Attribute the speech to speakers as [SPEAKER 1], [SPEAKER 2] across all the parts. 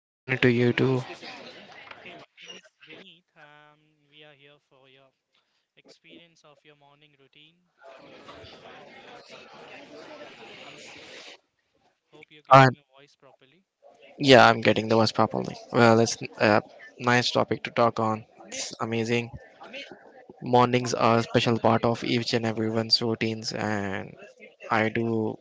[SPEAKER 1] Good morning to you too.
[SPEAKER 2] My name is Vineet. We are here for your experience of your morning routine. Hope you're
[SPEAKER 1] Uh,
[SPEAKER 2] getting my voice properly.
[SPEAKER 1] yeah, I'm getting the worst properly. Well, it's a nice topic to talk on. It's amazing. Mornings are a special part of each and everyone's routines, and I do.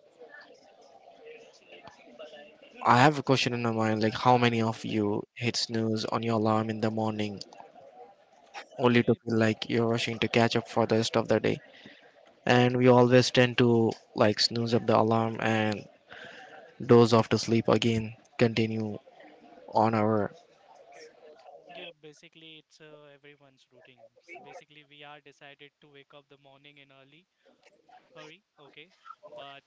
[SPEAKER 1] I have a question in my mind, like how many of you hit snooze on your alarm in the morning,
[SPEAKER 2] Can
[SPEAKER 1] only to
[SPEAKER 2] you?
[SPEAKER 1] feel like you're rushing to catch up for the rest of the day? And we always tend to like snooze up the alarm and doze off to sleep again. Continue on our.
[SPEAKER 2] Yeah, basically it's everyone's routine. Basically, we are decided to wake up the morning in early hurry. Okay, but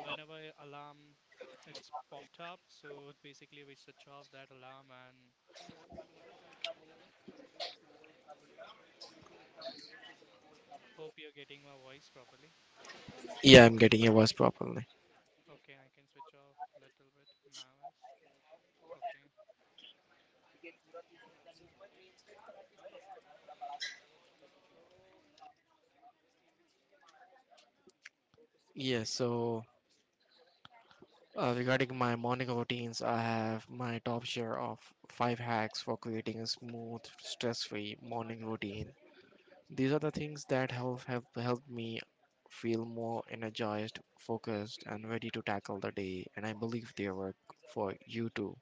[SPEAKER 2] whenever alarm it's popped up, so basically we switch off that alarm and hope you're getting my voice properly.
[SPEAKER 1] Yeah, I'm getting your worst properly.
[SPEAKER 2] Okay, I can switch off little bit. My voice. Okay, now it's clear. Hope it's fine
[SPEAKER 1] Yeah,
[SPEAKER 2] for you.
[SPEAKER 1] so
[SPEAKER 2] So
[SPEAKER 1] Uh,
[SPEAKER 2] basically,
[SPEAKER 1] regarding
[SPEAKER 2] my
[SPEAKER 1] my morning routines, I have my top share of five hacks for creating a smooth, stress-free morning routine.
[SPEAKER 2] okay.
[SPEAKER 1] These are the things that have helped me feel more energized, focused, and ready to tackle the day, and I believe they work for you too.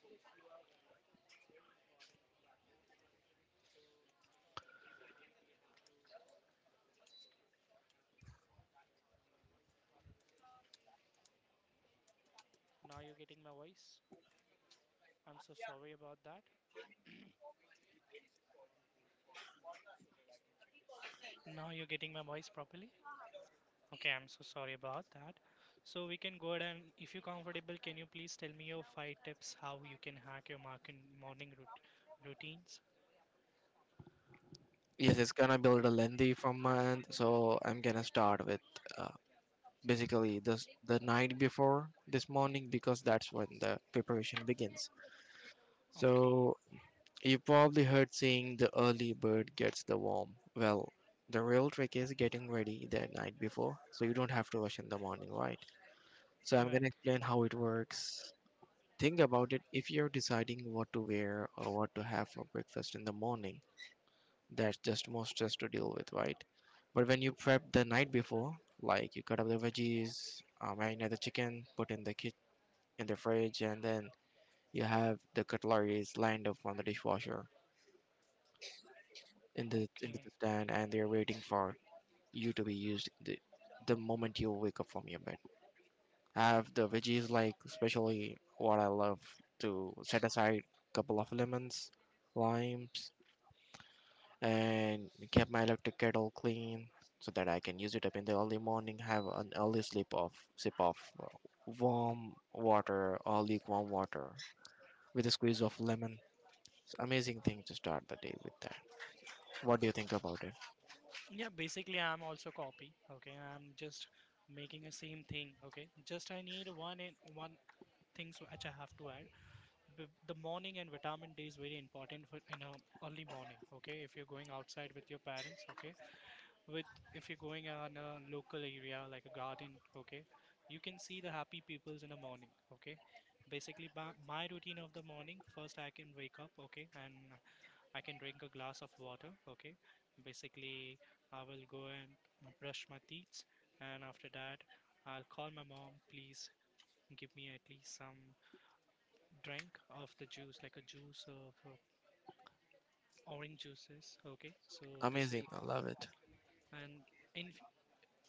[SPEAKER 2] Yes, you are right. It's very important to tackle. Okay. So t- Day by day, we have to follow the tips. Okay. I have a, my voice is not audible to you. Now you're getting my voice. I'm so sorry about that. Now you're getting my voice properly. Okay. I'm so sorry about that. So we can go ahead and if you're comfortable, can you please tell me your five tips how you can hack your market morning routines?
[SPEAKER 1] Yes, it's gonna be a little lengthy from my end, so I'm gonna start with uh, basically this the night before this morning because that's when the preparation begins.
[SPEAKER 2] Okay.
[SPEAKER 1] So you probably heard saying the early bird gets the worm. Well, the real trick is getting ready the night before so you don't have to rush in the morning, right? So I'm gonna
[SPEAKER 2] Correct.
[SPEAKER 1] explain how it works. Think about it if you're deciding what to wear or what to have for breakfast in the morning, that's just more stress to deal with, right? But when you prep the night before, like you cut up the veggies, marinate the chicken, put in the kit in the fridge, and then you have the cutleries lined up on the dishwasher. In the into
[SPEAKER 2] Okay.
[SPEAKER 1] the stand and they're waiting for you to be used the moment you wake up from your bed. Have the veggies like especially what I love to set aside a couple of lemons, limes, and keep my electric kettle clean so that I can use it up in the early morning, have an early sleep of sip of warm water or lukewarm water with a squeeze of lemon. It's amazing thing to start the day with that. What do you think about it?
[SPEAKER 2] Yeah, basically I'm also copy. Okay, I'm just making the same thing. Okay, just I need one in one things which I have to add. B the morning and vitamin D is very important for in a early morning. Okay, if you're going outside with your parents. Okay, with if you're going on a local area like a garden. Okay, you can see the happy peoples in the morning. Okay. My routine of the morning, first I can wake up, okay, and I can drink a glass of water. Okay, basically, I will go and brush my teeth, and after that, I'll call my mom. Please give me at least some drink of the juice, like a juice of orange juices. Okay, so this will
[SPEAKER 1] Amazing,
[SPEAKER 2] be
[SPEAKER 1] I love it.
[SPEAKER 2] and in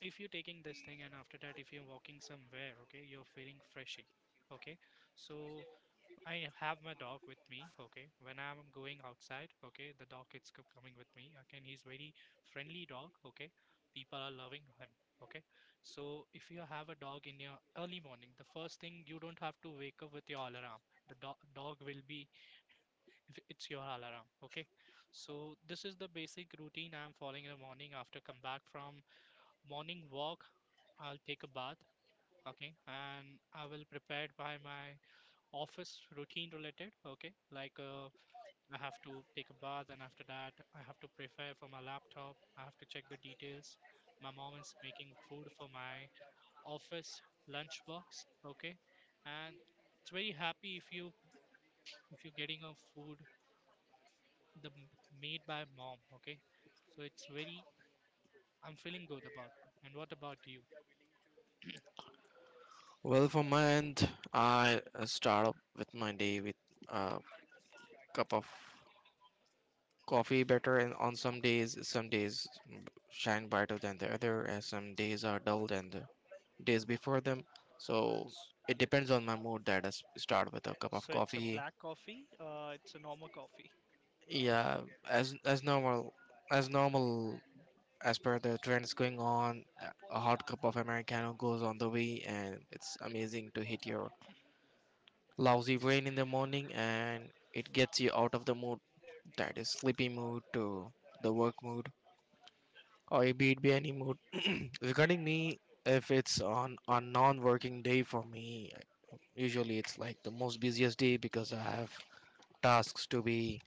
[SPEAKER 2] if you're taking this thing and after that if you're walking somewhere, okay, you're feeling freshy, okay, so I have my dog with me, okay? When I'm going outside, okay, the dog is co- coming with me. Again, he's very friendly dog, okay? People are loving him, okay? So if you have a dog in your early morning, the first thing you don't have to wake up with your alarm. The do dog will be if it's your alarm, okay? So this is the basic routine I'm following in the morning. After come back from morning walk, I'll take a bath, okay? And I will prepare by my office routine related, okay, like I have to take a bath and after that I have to prepare for my laptop. I have to check the details. My mom is making food for my office lunchbox, okay, and it's very happy if you if you're getting a food the m- made by mom, okay, so it's very I'm feeling good about that. And what about you?
[SPEAKER 1] Well, for my end, I start up with my day with a cup of coffee. Better and on some days shine brighter than the other, and some days are dull than the days before them. So
[SPEAKER 2] S-
[SPEAKER 1] it depends on my mood that I start with a cup of
[SPEAKER 2] So it's a
[SPEAKER 1] coffee.
[SPEAKER 2] black coffee. It's a normal coffee.
[SPEAKER 1] Yeah, as normal as per the trends going on, a hot cup of Americano goes on the way, and it's amazing to hit your lousy rain in the morning and it gets you out of the mood that is sleepy mood to the work mood or it be any mood. Regarding me, if it's on a non-working day for me, usually it's like the most busiest day because I have tasks to be.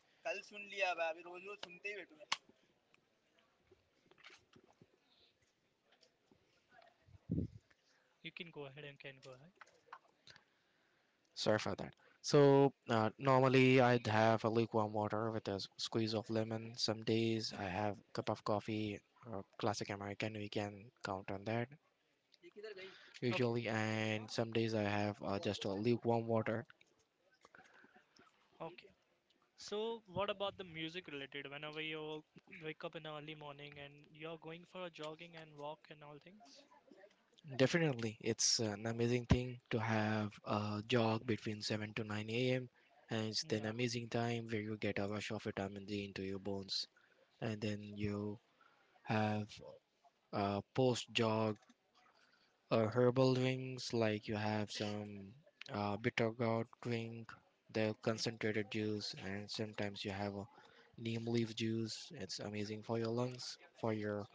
[SPEAKER 2] You can go ahead.
[SPEAKER 1] Sorry for that. So normally I'd have a lukewarm water with a squeeze of lemon. Some days I have a cup of coffee or classic American. We can count on that.
[SPEAKER 2] Okay,
[SPEAKER 1] Usually and some days I have just a lukewarm water.
[SPEAKER 2] okay. So, what about the music related? Whenever you wake up in the early morning and you're going for a jogging and walk and all things?
[SPEAKER 1] Definitely it's an amazing thing to have a jog between 7 to 9 a.m and it's an
[SPEAKER 2] Yeah.
[SPEAKER 1] amazing time where you get a rush of vitamin D into your bones and then you have a post jog herbal drinks like you have some bitter gourd drink, the concentrated juice, and sometimes you have a neem leaf juice. It's amazing for your lungs, for your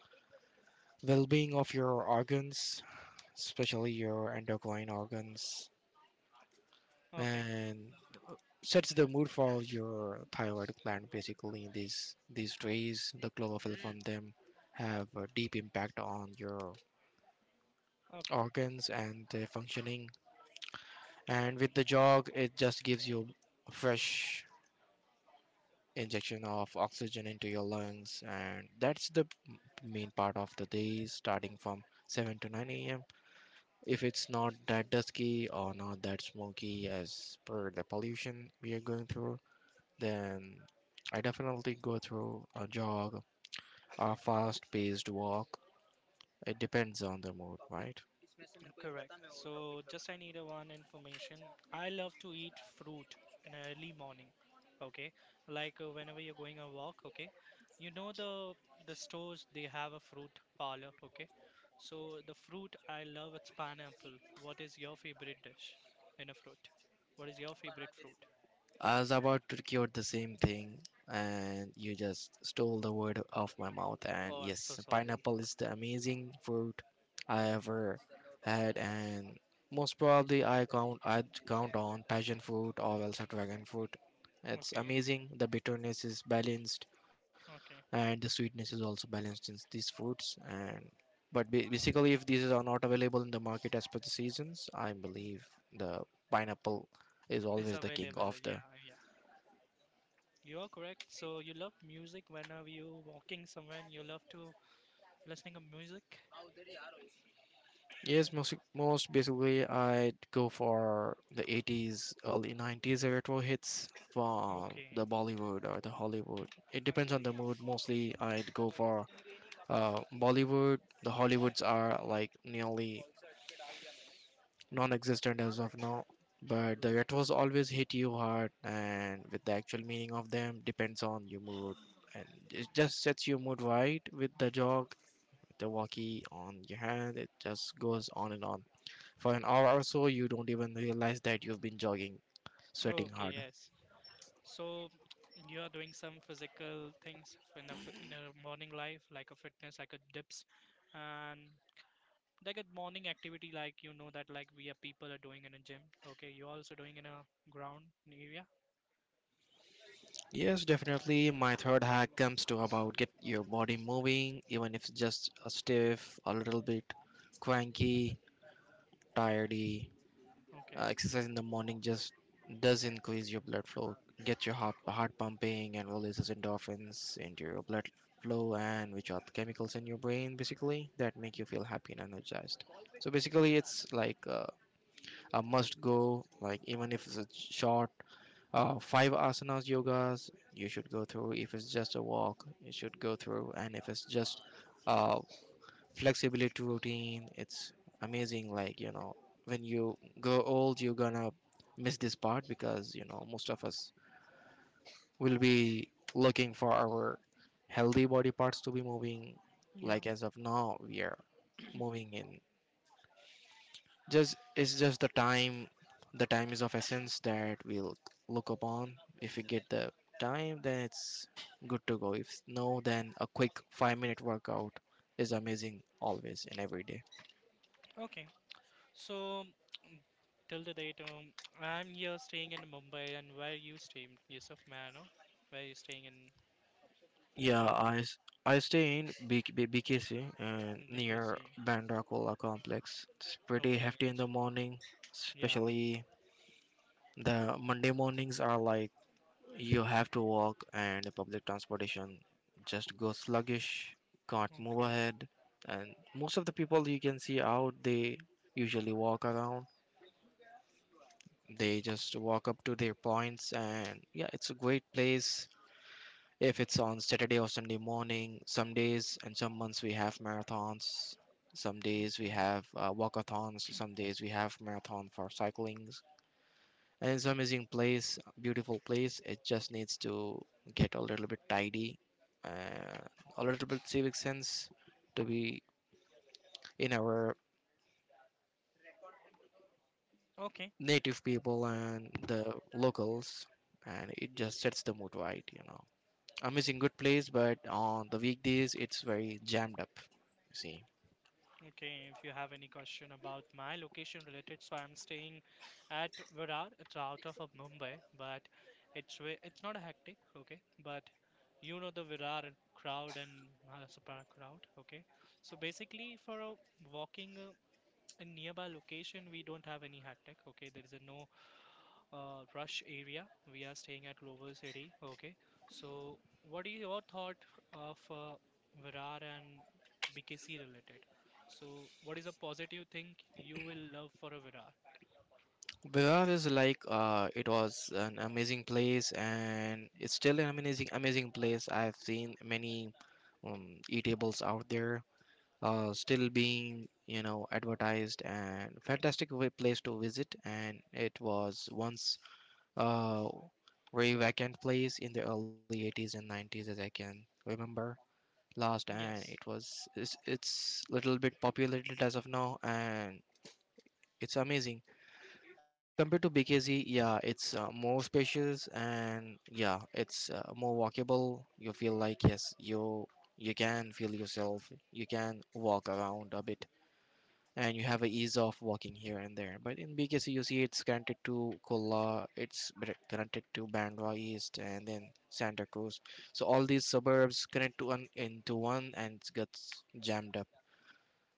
[SPEAKER 1] well-being of your organs, especially your endocrine organs,
[SPEAKER 2] Mm. Okay.
[SPEAKER 1] and sets the mood for your thyroid gland. Basically, these rays, the chlorophyll from them, have a deep impact on your
[SPEAKER 2] Okay.
[SPEAKER 1] organs and their functioning. And with the jog, it just gives you a fresh injection of oxygen into your lungs, and that's the main part of the day, starting from 7 to 9 a.m. If it's not that dusky or not that smoky as per the pollution we are going through, then I definitely go through a jog or a fast paced walk. It depends on the mood, right?
[SPEAKER 2] Correct. So, just I need a one information. I love to eat fruit in early morning. Okay. Like, whenever you're going a walk, okay. You know the stores they have a fruit parlor, okay. So, the fruit I love it's pineapple. What is your favorite dish in a fruit? What is your favorite fruit?
[SPEAKER 1] I was about to quote the same thing, and you just stole the word off my mouth.
[SPEAKER 2] Oh,
[SPEAKER 1] And
[SPEAKER 2] I'm so
[SPEAKER 1] yes,
[SPEAKER 2] sorry.
[SPEAKER 1] pineapple is the amazing fruit I ever had and most probably I'd count on passion fruit or else a dragon fruit. It's
[SPEAKER 2] Okay,
[SPEAKER 1] amazing. The bitterness is balanced
[SPEAKER 2] okay.
[SPEAKER 1] and the sweetness is also balanced in these fruits. And but basically, if these are not available in the market as per the seasons, I believe the pineapple is
[SPEAKER 2] It's
[SPEAKER 1] always the king
[SPEAKER 2] available.
[SPEAKER 1] of
[SPEAKER 2] Yeah,
[SPEAKER 1] the.
[SPEAKER 2] yeah. You are correct. So you love music whenever you walking somewhere and you love to listening to music.
[SPEAKER 1] Yes, most basically, I'd go for the 80s, early 90s retro hits from the
[SPEAKER 2] Okay.
[SPEAKER 1] Bollywood or the Hollywood. It depends on the mood. Mostly, I'd go for Bollywood. The Hollywoods are like nearly non-existent as of now, but the retros always hit you hard, and with the actual meaning of them depends on your mood, and it just sets your mood right with the jog, the walkie on your hand. It just goes on and on. For an hour or so, you don't even realize that you've been jogging, sweating
[SPEAKER 2] Okay,
[SPEAKER 1] hard.
[SPEAKER 2] yes. So you are doing some physical things in a morning life like a fitness, like a dips, and like a morning activity like you know that like we are people are doing in a gym. Okay, you're also doing in a ground area.
[SPEAKER 1] Yes, definitely. My third hack comes to about get your body moving, even if it's just a stiff, a little bit cranky, tiredy.
[SPEAKER 2] Okay.
[SPEAKER 1] Exercise in the morning just does increase your blood flow, get your heart pumping, and releases endorphins into your blood flow, and which are the chemicals in your brain basically that make
[SPEAKER 2] Mm.
[SPEAKER 1] you feel happy and energized. So basically, it's like a must go. Like even if it's a short five asanas yogas you should go through, if it's just a walk you should go through, and if it's just uh, flexibility routine, it's amazing. Like you know, when you grow old you're gonna miss this part because you know most of us will be looking for our healthy body parts to be moving
[SPEAKER 2] Yeah.
[SPEAKER 1] like as of now we are moving in just it's just the time is of essence that we'll look upon if we get the time then it's good to go, if no then a quick 5 minute workout is amazing always and every day.
[SPEAKER 2] Okay. So till the date, I'm here staying in Mumbai, and where you stay, Yusuf? May I know? Where you staying in
[SPEAKER 1] yeah
[SPEAKER 2] India?
[SPEAKER 1] i s- i stay in bkc and
[SPEAKER 2] In
[SPEAKER 1] near
[SPEAKER 2] BKC.
[SPEAKER 1] bandrakola complex. It's pretty
[SPEAKER 2] Okay.
[SPEAKER 1] hefty in
[SPEAKER 2] it's-
[SPEAKER 1] the morning,
[SPEAKER 2] Yeah.
[SPEAKER 1] especially the monday mornings are like, you have to walk, and public transportation just goes sluggish, can't move
[SPEAKER 2] Okay.
[SPEAKER 1] ahead. And most of the people you can see out, they usually walk around. They just walk up to their points, and yeah, it's a great place. If it's on Saturday or Sunday morning, some days and some months we have marathons. Some days we
[SPEAKER 2] Okay.
[SPEAKER 1] have walkathons. Some days we have marathon for cycling. And it's amazing place, beautiful place, it just needs to get a little bit tidy, uh, a little bit civic sense to be in our
[SPEAKER 2] Okay.
[SPEAKER 1] native people and the locals, and it just sets the mood right, you know. Amazing
[SPEAKER 2] Mm.
[SPEAKER 1] good place, but on the weekdays it's very jammed up, you see.
[SPEAKER 2] Okay. If you have any question about my location related, so I'm staying at Virar. It's out of Mumbai, but it's way, it's not a hectic. Okay, but you know the Virar crowd and Halasapara crowd. Okay, so basically for a walking. A nearby location we don't have any hectic, okay, there is a no rush area, we are staying at global city, okay, so what is your thought of Virar and BKC related? So what is a positive thing you will love for a Virar?
[SPEAKER 1] Berar is like it was an amazing place and it's still an amazing place. I've seen many eatables out there, still being you know advertised, and fantastic place to visit, and it was once a very vacant place in the early 80s and 90s as I can remember last, and
[SPEAKER 2] Yes.
[SPEAKER 1] it's little bit populated as of now and it's amazing as compared to bkz. Yeah, it's more spacious, and yeah, it's more walkable. You feel like yes, you can feel yourself, you can walk around a bit and you have a ease of walking here and there. But in BKC, you see it's granted to Kola, it's granted to Bandra East, and then Santa Cruz. So all these suburbs connect to one into one, and it gets jammed up.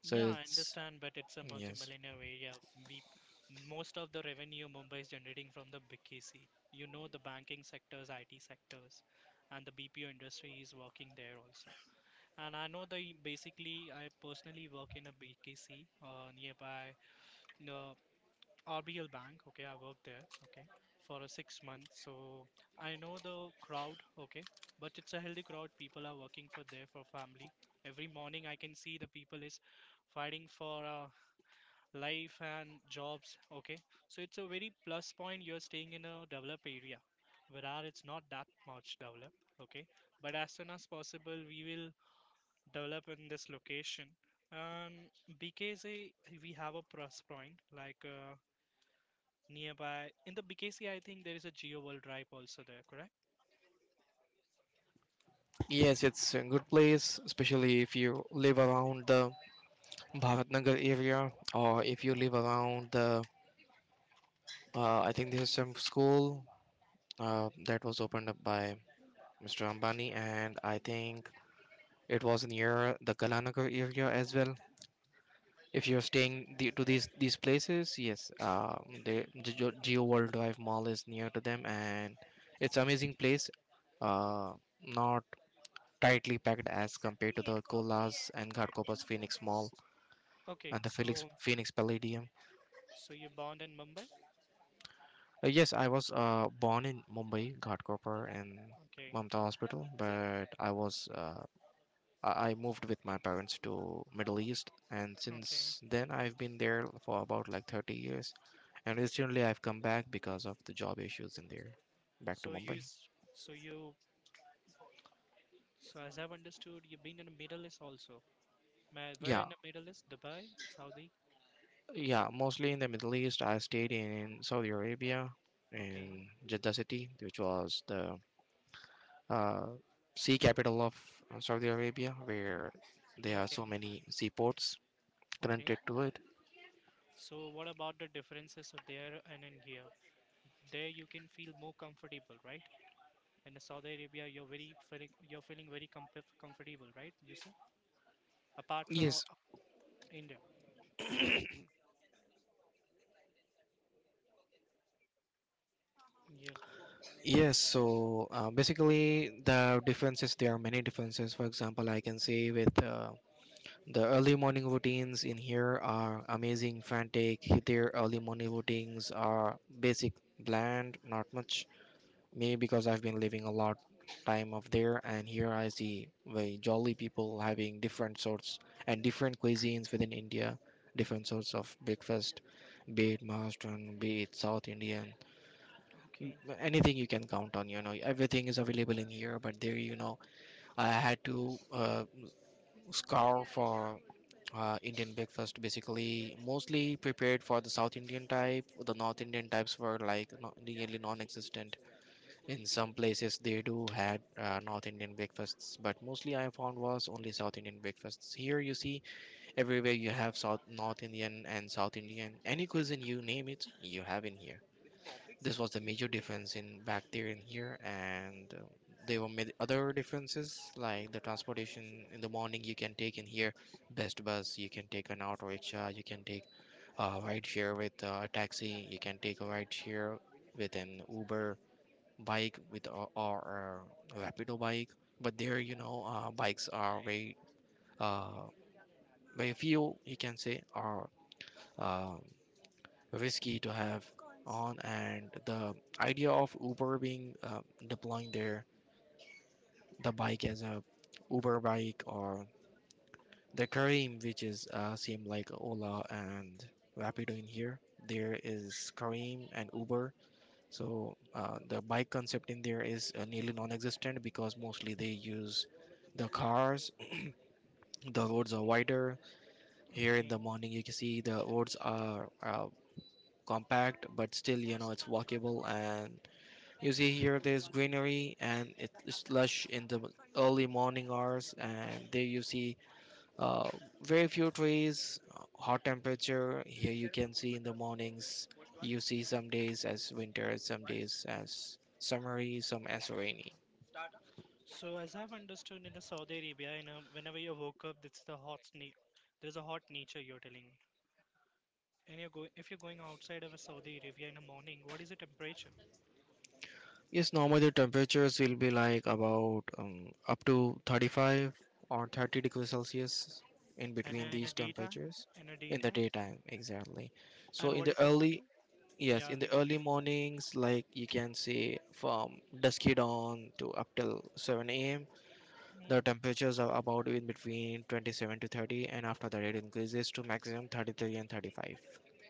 [SPEAKER 1] So
[SPEAKER 2] Yeah, I
[SPEAKER 1] it's.
[SPEAKER 2] understand, but it's a
[SPEAKER 1] Yes,
[SPEAKER 2] multi-millionaire area. We most of the revenue Mumbai is generating from the BKC. You know, the banking sectors, IT sectors, and the BPO industry is working there also. And I know the basically I personally work in a BKC nearby the RBL Bank. Okay, I work there. Okay, for a 6 months. So I know the crowd. Okay, but it's a healthy crowd. People are working for there for family. Every morning I can see the people is fighting for life and jobs. Okay, so it's a very plus point. You're staying in a developed area, where it's not that much developed. Okay, but as soon as possible we will develop in this location. And BKC, we have a plus point like nearby. In the BKC, I think there is a Geo World Drive also there, correct?
[SPEAKER 1] yes, it's a good place, especially if you live around the Bharatnagar area, or if you live around the. I think there's some school that was opened up by Mr. Ambani, and I think it was near the Kalanagar area as well. If you're staying the, to these places, yes, the Geo World Drive Mall is near to them, and it's amazing place. Not tightly packed as compared to the Kolas and Ghatkoppa's Phoenix Mall
[SPEAKER 2] Okay,
[SPEAKER 1] and the Felix
[SPEAKER 2] so
[SPEAKER 1] Phoenix Palladium.
[SPEAKER 2] so you're born in Mumbai?
[SPEAKER 1] Yes, I was born in Mumbai, Ghatkopar, and
[SPEAKER 2] Okay,
[SPEAKER 1] Mamta Hospital, but I was I moved with my parents to Middle East, and
[SPEAKER 2] okay.
[SPEAKER 1] since then I've been there for about like 30 years. And recently I've come back because of the job issues in there, back to
[SPEAKER 2] So you
[SPEAKER 1] Mumbai.
[SPEAKER 2] s- so you so as I've understood, you've been in the Middle East also. Where
[SPEAKER 1] Yeah,
[SPEAKER 2] in the Middle East? Dubai, Saudi?
[SPEAKER 1] yeah, mostly in the Middle East. I stayed in Saudi Arabia,
[SPEAKER 2] Okay,
[SPEAKER 1] in Jeddah City, which was the uh, sea capital of Saudi Arabia, where there are so
[SPEAKER 2] okay,
[SPEAKER 1] many seaports
[SPEAKER 2] okay.
[SPEAKER 1] connected to it.
[SPEAKER 2] So what about the differences of there and in here? There you can feel more comfortable, right? In Saudi Arabia, you're very feeling you're feeling very comfortable, right, Yusuf? Apart from
[SPEAKER 1] Yes,
[SPEAKER 2] uh, India. Yeah.
[SPEAKER 1] Yes, so basically the differences there are many differences. For example, I can say with the early morning routines in here are amazing, frantic. Their early morning routines are basic, bland, not much. Maybe because I've been living a lot time of there, and here I see very jolly people having different sorts and different cuisines within India, different sorts of breakfast, be it Maharashtrian, be it South Indian.
[SPEAKER 2] Okay.
[SPEAKER 1] Anything you can count on, you know, everything is available in here. But there, you know, I had to scour for Indian breakfast, basically mostly prepared for the South Indian type. The North Indian types were like no, nearly non-existent. In some places they do had North Indian breakfasts, but mostly I found was only South Indian breakfasts. Here you see everywhere you have South, North Indian and South Indian, any cuisine you name it you have in here. This was the major difference in back there and here, and there were many other differences like the transportation in the morning you can take in here. Best bus, you can take an auto rickshaw, you can take a ride share with a taxi, you can take a ride share with an Uber bike with or a Rapido bike. But there, you know, bikes are very uh, very few you can say, are uh, risky to have on, and the idea of Uber being deploying their the bike as a Uber bike, or the Kareem, which is same like Ola and Rapido in here. There is Kareem and Uber, so the bike concept in there is nearly non-existent because mostly they use the cars. The roads are wider. Here in
[SPEAKER 2] Okay.
[SPEAKER 1] the morning, you can see the roads are compact, but still, you know, it's walkable. And you see here, there's greenery and it's lush in the early morning hours, and there you see uh, very few trees, hot temperature. Here you can see in the mornings, you see some days as winter, some days as summery, some as rainy.
[SPEAKER 2] So as I've understood in the Saudi Arabia, you know, whenever you woke up, it's the hot na- there's a hot nature you're telling me. And you're going if you're going outside of a Saudi Arabia in the morning, what is the temperature?
[SPEAKER 1] Yes, normally the temperatures will be like about up to 35 or 30 degrees Celsius, in
[SPEAKER 2] And
[SPEAKER 1] between these temperatures
[SPEAKER 2] in a
[SPEAKER 1] in the
[SPEAKER 2] daytime,
[SPEAKER 1] daytime, exactly. So
[SPEAKER 2] and
[SPEAKER 1] in
[SPEAKER 2] what
[SPEAKER 1] the
[SPEAKER 2] is the morning?
[SPEAKER 1] early— yes,
[SPEAKER 2] Yeah,
[SPEAKER 1] in the
[SPEAKER 2] early morning.
[SPEAKER 1] early mornings, like you can see from dusky dawn to up till 7 a.m., the temperatures are about in between 27 to 30, and after that, it increases to maximum 33 and 35.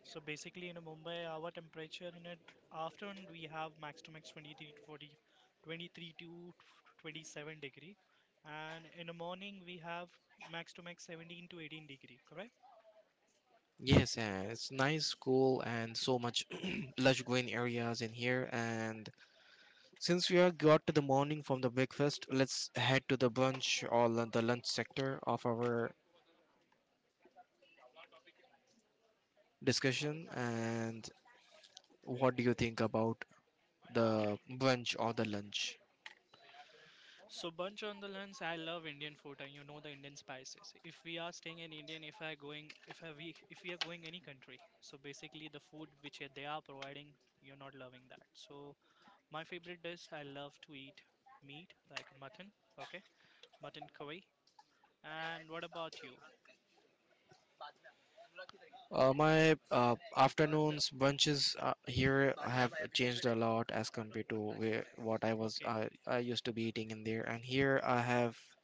[SPEAKER 2] So basically, in Mumbai, our temperature in an afternoon we have max to max 23 to 40, 23 to 27 degree, and in the morning we have max to max 17 to 18 degree. Correct.
[SPEAKER 1] Yes, and it's nice, cool, and so much lush green areas in here. And since we are got to the morning from the breakfast, let's head to the brunch or the lunch sector of our discussion. And what do you think about the brunch or the lunch?
[SPEAKER 2] So bunch on the lunch, I love Indian food and you know the Indian spices. If we are staying in Indian, if I going, if I, we, if we are going any country, so basically the food which they are providing, you're not loving that. So my favorite dish, I love to eat meat like mutton. Okay, mutton curry. And what about you?
[SPEAKER 1] My afternoons bunches here have changed a lot as compared to where what I was
[SPEAKER 2] Okay,
[SPEAKER 1] I used to be eating in there, and here I have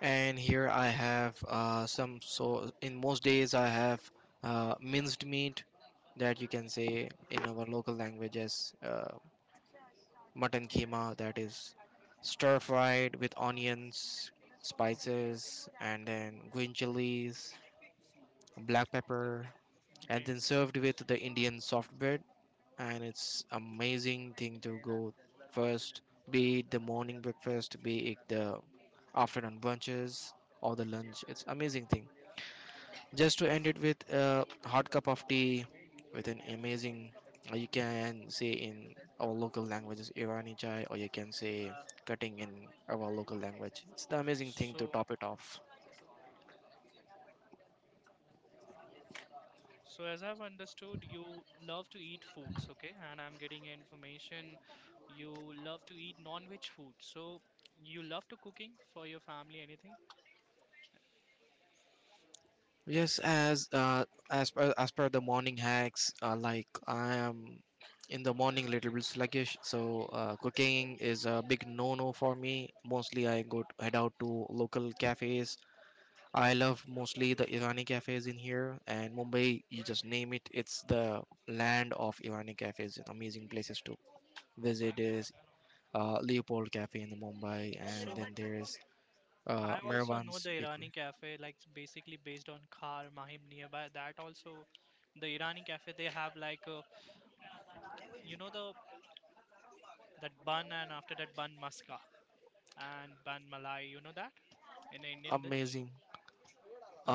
[SPEAKER 1] and here I have some. So in most days I have minced meat, that you can say in our local language as mutton keema, that is stir fried with onions,
[SPEAKER 2] okay,
[SPEAKER 1] spices, and then green chilies, black pepper, and
[SPEAKER 2] okay.
[SPEAKER 1] then served with the Indian soft bread. And it's amazing thing to go first, be it the morning breakfast, be it the afternoon brunches or the lunch. It's amazing thing. Just to end it with a hot cup of tea with an amazing— you can say in our local languages Irani chai, or you can say cutting in our local language. It's the amazing thing to
[SPEAKER 2] So,
[SPEAKER 1] top it off.
[SPEAKER 2] so as I've understood, you love to eat foods, okay? And I'm getting information you love to eat non-veg food. So, you love to cooking for your family, anything?
[SPEAKER 1] Yes, as per the morning hacks, like I am in the morning little bit sluggish, so cooking is a big no-no for me. Mostly, I go to, head out to local cafes. I love mostly the Irani cafes in here and Mumbai. You just name it; it's the land of Irani cafes. Amazing places to visit is Leopold Cafe in Mumbai, and
[SPEAKER 2] So,
[SPEAKER 1] then there is
[SPEAKER 2] I also know
[SPEAKER 1] Mervan's
[SPEAKER 2] the
[SPEAKER 1] Bakery.
[SPEAKER 2] Irani cafe, like it's basically based on Khar Mahim nearby. That also, the Irani cafe, they have like you know the that bun and after that bun maska and bun malai. You know that in an Indian dish?
[SPEAKER 1] Amazing,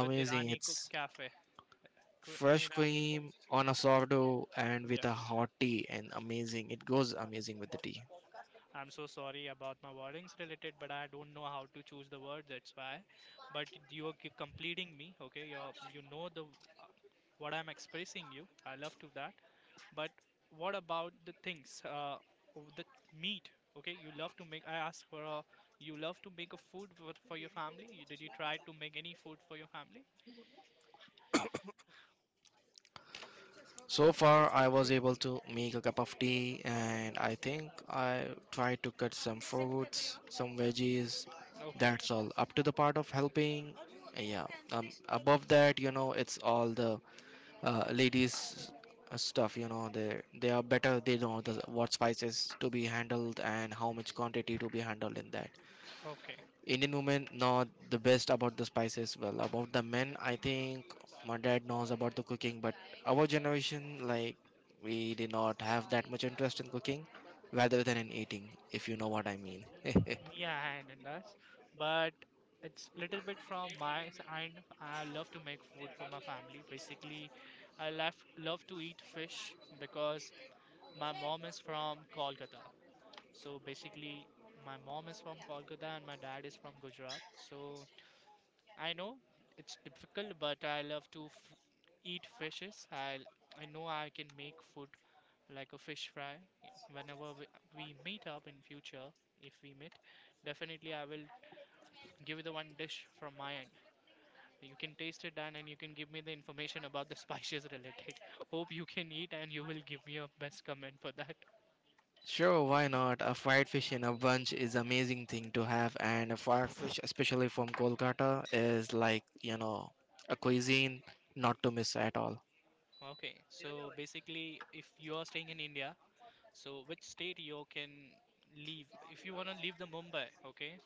[SPEAKER 2] With Irani Cook
[SPEAKER 1] It's
[SPEAKER 2] Cafe. In
[SPEAKER 1] fresh
[SPEAKER 2] Irani.
[SPEAKER 1] cream on a sourdough and with a
[SPEAKER 2] Yes,
[SPEAKER 1] hot tea and amazing. It goes amazing with the tea.
[SPEAKER 2] I'm so sorry about my wordings related, but I don't know how to choose the words. That's why. But you are completing me. Okay, you know the uh, what I'm expressing you. I love to that. But what about the things? The meat. Okay, you love to make. I asked for a. You love to make a food for your family. Did you try to make any food for your family?
[SPEAKER 1] So far, I was able to make a cup of tea and I think I tried to cut some fruits, some veggies.
[SPEAKER 2] Okay,
[SPEAKER 1] That's all. Up to the part of helping. Yeah. Above that, you know, it's all the ladies stuff, you know, they are better, they know the what spices to be handled and how much quantity to be handled in that.
[SPEAKER 2] okay.
[SPEAKER 1] Indian women know the best about the spices. Well, about the men, I think my dad knows about the cooking, but our generation, like, we did not have that much interest in cooking rather than in eating, if you know what I mean.
[SPEAKER 2] Yeah, hand and dust. But it's little bit and I love to make food for my family. Basically, I love to eat fish because my mom is from Kolkata. So basically, my mom is from Kolkata and my dad is from Gujarat. So I know it's difficult, but I love to f eat fishes. I know I can make food like a fish fry whenever we meet up in future. If we meet, definitely I will give you the one dish from my end. You can taste it, Dan, and you can give me the information about the spices related. Hope you can eat, and you will give me a best comment for that.
[SPEAKER 1] Sure, why not? A fried fish in a bunch is amazing thing to have, and a fried fish, especially from Kolkata, is like, you know, a cuisine not to miss at all.
[SPEAKER 2] Okay, so basically, if you are staying in India, so which state you can leave? If you wanna leave the Mumbai, okay,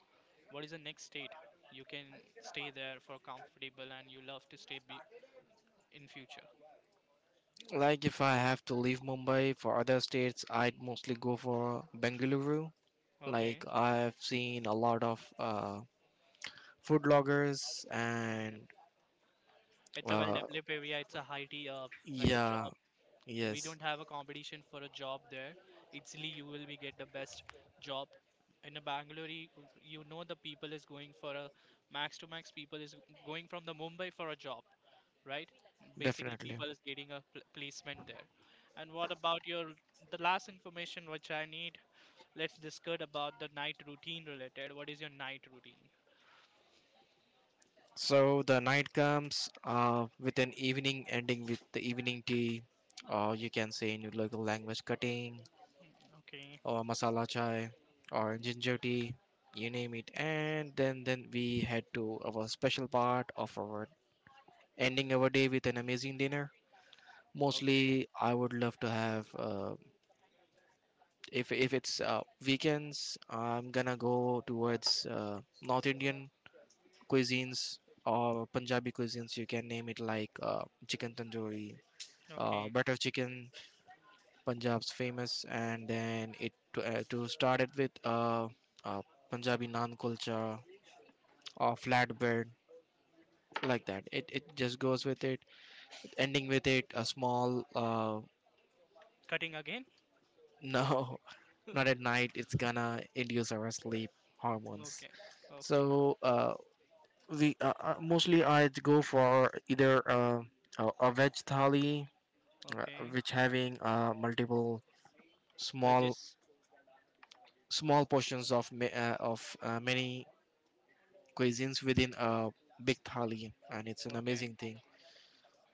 [SPEAKER 2] what is the next state you can stay there for comfortable and you love to stay in future?
[SPEAKER 1] Like if I have to leave Mumbai for other states, I'd mostly go for Bengaluru.
[SPEAKER 2] Okay,
[SPEAKER 1] Like I've seen a lot of food bloggers
[SPEAKER 2] okay.
[SPEAKER 1] and
[SPEAKER 2] It's a
[SPEAKER 1] uh,
[SPEAKER 2] well-developed area. It's a high-t like a
[SPEAKER 1] yeah,
[SPEAKER 2] job, we
[SPEAKER 1] yes,
[SPEAKER 2] don't have a competition for a job there. Easily you will be get the best job in a bangalore. You know the people is going for a max to max people is going from the mumbai for a job, right? Basically
[SPEAKER 1] definitely.
[SPEAKER 2] people is getting a placement there. And what about your, the last information which I need. Let's discuss about the night routine related. What is your night routine?
[SPEAKER 1] So the night comes with an evening ending with the evening tea, or you can say in your local language cutting,
[SPEAKER 2] Okay.
[SPEAKER 1] or masala chai, or ginger tea, you name it. And then we head to our special part of our ending our day with an amazing dinner. Mostly,
[SPEAKER 2] Okay.
[SPEAKER 1] I would love to have— if it's weekends, I'm gonna go towards North Indian cuisines or Punjabi cuisines, you can name it, like chicken tandoori,
[SPEAKER 2] Okay.
[SPEAKER 1] butter chicken, Punjab's famous, and then it to start it with uh, Punjabi naan kulcha or flatbread, like that it just goes with it. Ending with it a small
[SPEAKER 2] Cutting again.
[SPEAKER 1] no. Not at night, it's gonna induce our sleep hormones.
[SPEAKER 2] Okay. Okay.
[SPEAKER 1] So uh, we mostly I go for either a veg thali,
[SPEAKER 2] Okay.
[SPEAKER 1] which having multiple small
[SPEAKER 2] Wedges.
[SPEAKER 1] small portions of many cuisines within a big thali, and it's an
[SPEAKER 2] Okay.
[SPEAKER 1] amazing thing.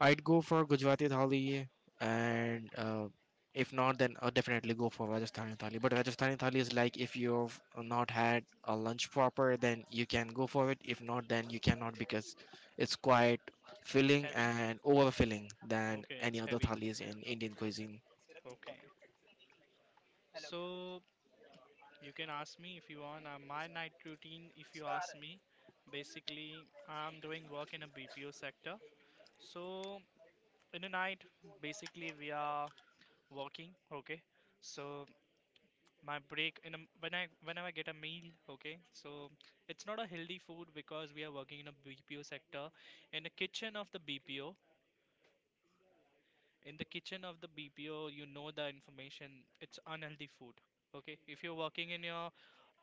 [SPEAKER 1] I'd go for Gujarati thali, and if not, then I'll definitely go for Rajasthani thali. But Rajasthani thali is like, if you've not had a lunch proper, then you can go for it. If not, then you cannot, because it's quite filling
[SPEAKER 2] Heavy.
[SPEAKER 1] and overfilling than
[SPEAKER 2] Okay,
[SPEAKER 1] any
[SPEAKER 2] it's
[SPEAKER 1] other
[SPEAKER 2] heavy.
[SPEAKER 1] thalis in Indian cuisine.
[SPEAKER 2] Okay. So you can ask me if you want. My night routine, if you ask me, basically I'm doing work in a BPO sector. So in the night, basically we are working. Okay. So my break in a, when I whenever I get a meal. Okay. So it's not a healthy food because we are working in a BPO sector. In the kitchen of the BPO, in the kitchen of the BPO, you know the information. It's unhealthy food. Okay, if you're working in your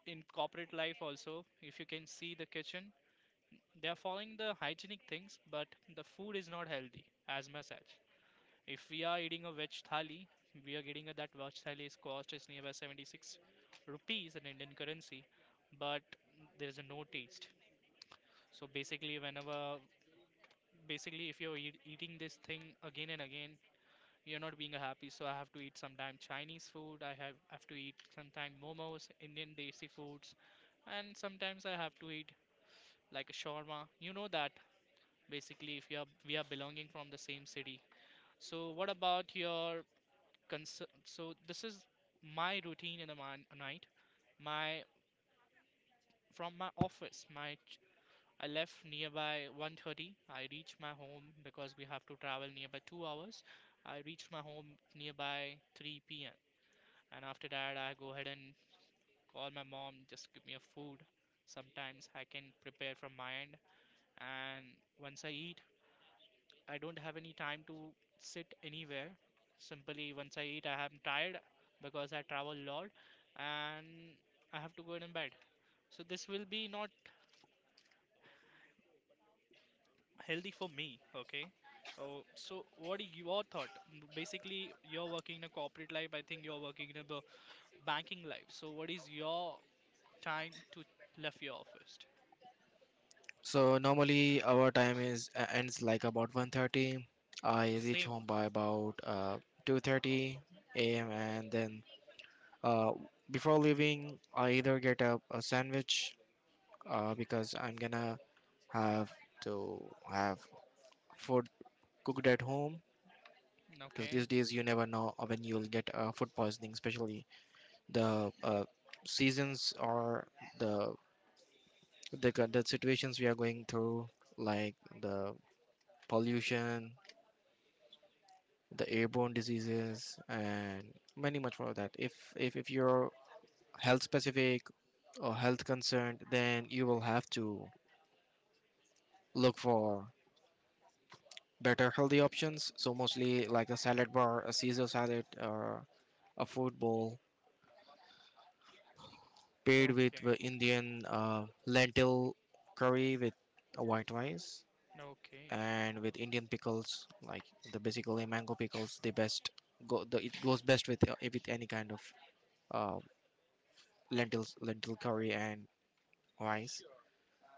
[SPEAKER 2] in corporate life also, if you can see the kitchen, they are following the hygienic things, but the food is not healthy as much as if we are eating a veg thali. We are getting a, that veg thali is cost is nearby 76 rupees in indian currency, but there is a no taste. So basically whenever, basically if you're eat, eating this thing again and again, you're not being happy. So I have to eat sometime chinese food, I have to eat sometime momos, indian desi foods, and sometimes I have to eat like a shawarma. You know that basically if you are, we are belonging from the same city. So what about your concern? So this is my routine in the night. My from my office, I left nearby 1:30. I reached my home because we have to travel nearby 2 hours. I reached my home nearby 3 p.m. and after that I go ahead and call my mom just give me a food. Sometimes I can prepare from my end, and once I eat I don't have any time to sit anywhere. Simply once I eat, I am tired because I travel a lot, and I have to go in bed. So this will be not healthy for me. Okay. Oh, so what are your thought? Basically, you're working in a corporate life. I think you're working in a banking life. So what is your time to left your office?
[SPEAKER 1] So normally our time is ends like about 1:30. I reach
[SPEAKER 2] Same.
[SPEAKER 1] home by about 2:30 a.m., and then Uh, before leaving, I either get a sandwich because I'm gonna have to have food cooked at home. Because these
[SPEAKER 2] Okay.
[SPEAKER 1] days you never know when you'll get food poisoning, especially the seasons or the, the situations we are going through, like the pollution, the airborne diseases, and many much more of that. If you're health specific or health concerned, then you will have to look for better healthy options. So mostly like a salad bar, a Caesar salad, or a food bowl paired with the
[SPEAKER 2] Okay.
[SPEAKER 1] Indian lentil curry with a white rice
[SPEAKER 2] Okay.
[SPEAKER 1] and with Indian pickles, like the basically mango pickles, the best. It goes best with any kind of uh, lentil curry and rice.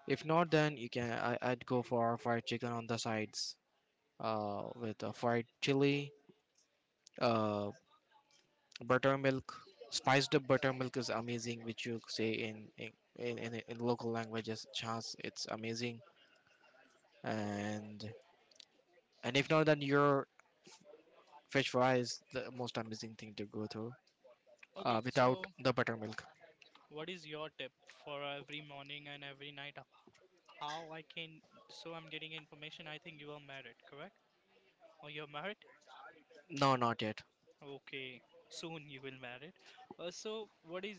[SPEAKER 1] If not, then I'd go for fried chicken on the sides with a fried chili, uh, buttermilk— spiced up buttermilk is amazing, which you say in local languages chance, it's amazing. and and if not, then your fish fry is the most amazing thing to go through,
[SPEAKER 2] Okay.
[SPEAKER 1] without
[SPEAKER 2] So
[SPEAKER 1] the buttermilk.
[SPEAKER 2] what is your tip for every morning and every night? How I can. So I'm getting information. I think you are married, correct? Or you're married?
[SPEAKER 1] No, not yet.
[SPEAKER 2] Okay. Soon you will married. So what is,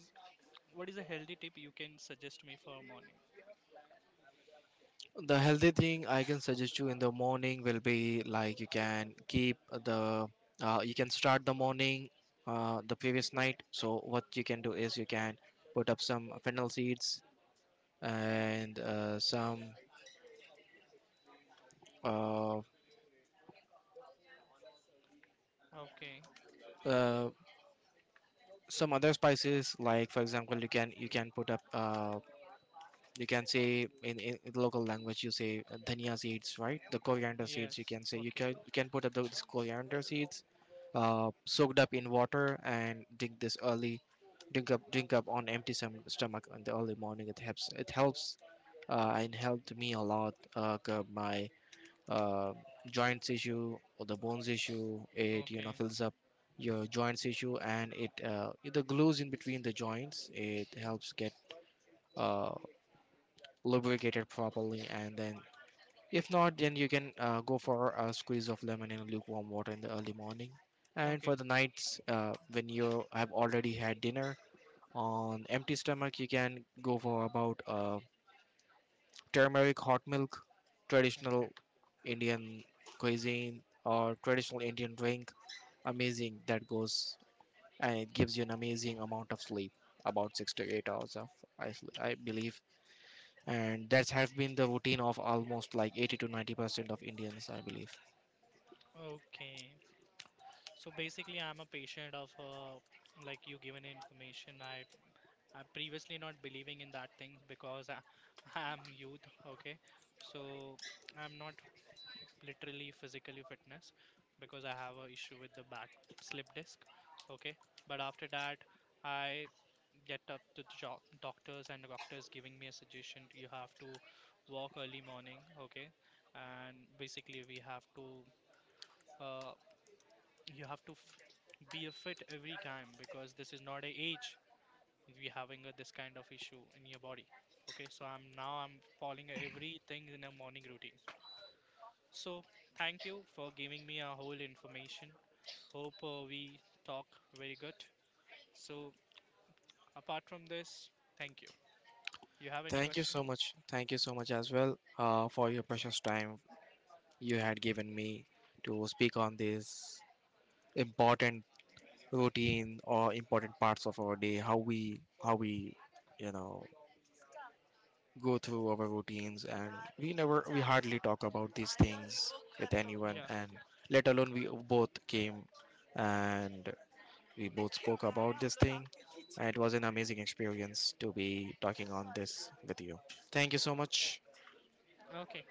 [SPEAKER 2] what is a healthy tip you can suggest me for morning?
[SPEAKER 1] The healthy thing I can suggest you in the morning will be like you can keep the— you can start the morning the previous night. So what you can do is you can put up some fennel seeds and uh,
[SPEAKER 2] Okay.
[SPEAKER 1] uh, some other spices, like for example, you can put up you can say in, in local language you say dhania seeds, right, the coriander seeds, you
[SPEAKER 2] Yes.
[SPEAKER 1] can say,
[SPEAKER 2] Okay.
[SPEAKER 1] you can put up those coriander seeds soaked up in water and drink this early, drink up on empty stom- stomach in the early morning. It helps it helps uh, and helped me a lot curb my uh, joints issue or the bones issue. It, you know,
[SPEAKER 2] Okay.
[SPEAKER 1] fills up your joints issue, and it the glues in between the joints, it
[SPEAKER 2] Yeah.
[SPEAKER 1] helps get uh, lubricated properly. And then if not, then you can go for a squeeze of lemon in lukewarm water in the early morning. And
[SPEAKER 2] Okay.
[SPEAKER 1] for the nights, when you have already had dinner on empty stomach, you can go for about turmeric hot milk,
[SPEAKER 2] Okay.
[SPEAKER 1] traditional Indian cuisine, or traditional Indian drink. Amazing that goes, and it gives you an amazing amount of sleep about 6 to 8 hours of, I believe. And that's have been the routine of almost like 80 to 90% of Indians, I believe.
[SPEAKER 2] Okay. So basically, I'm a patient of like you given information. I previously not believing in that things because I, I'm youth. Okay. So I'm not literally physically fitness because I have a issue with the back slip disc. Okay, but after that, I get up to the doctors and the doctors giving me a suggestion, you have to walk early morning. Okay, and basically we have to uh, you have to be a fit every time because this is not a age we having a, this kind of issue in your body. Okay, so I'm now I'm following everything in a morning routine. So, thank you for giving me a whole information. Hope we talk very good. So, apart from this, thank you. You have any
[SPEAKER 1] Thank you
[SPEAKER 2] question?
[SPEAKER 1] so much, thank you so much as well, for your precious time you had given me to speak on this important routine or important parts of our day, how we you know go through our routines, and we never we hardly talk about these things with anyone.
[SPEAKER 2] Yeah.
[SPEAKER 1] And let alone, we both came and we both spoke about this thing, and it was an amazing experience to be talking on this with you. Thank you so much.
[SPEAKER 2] Okay.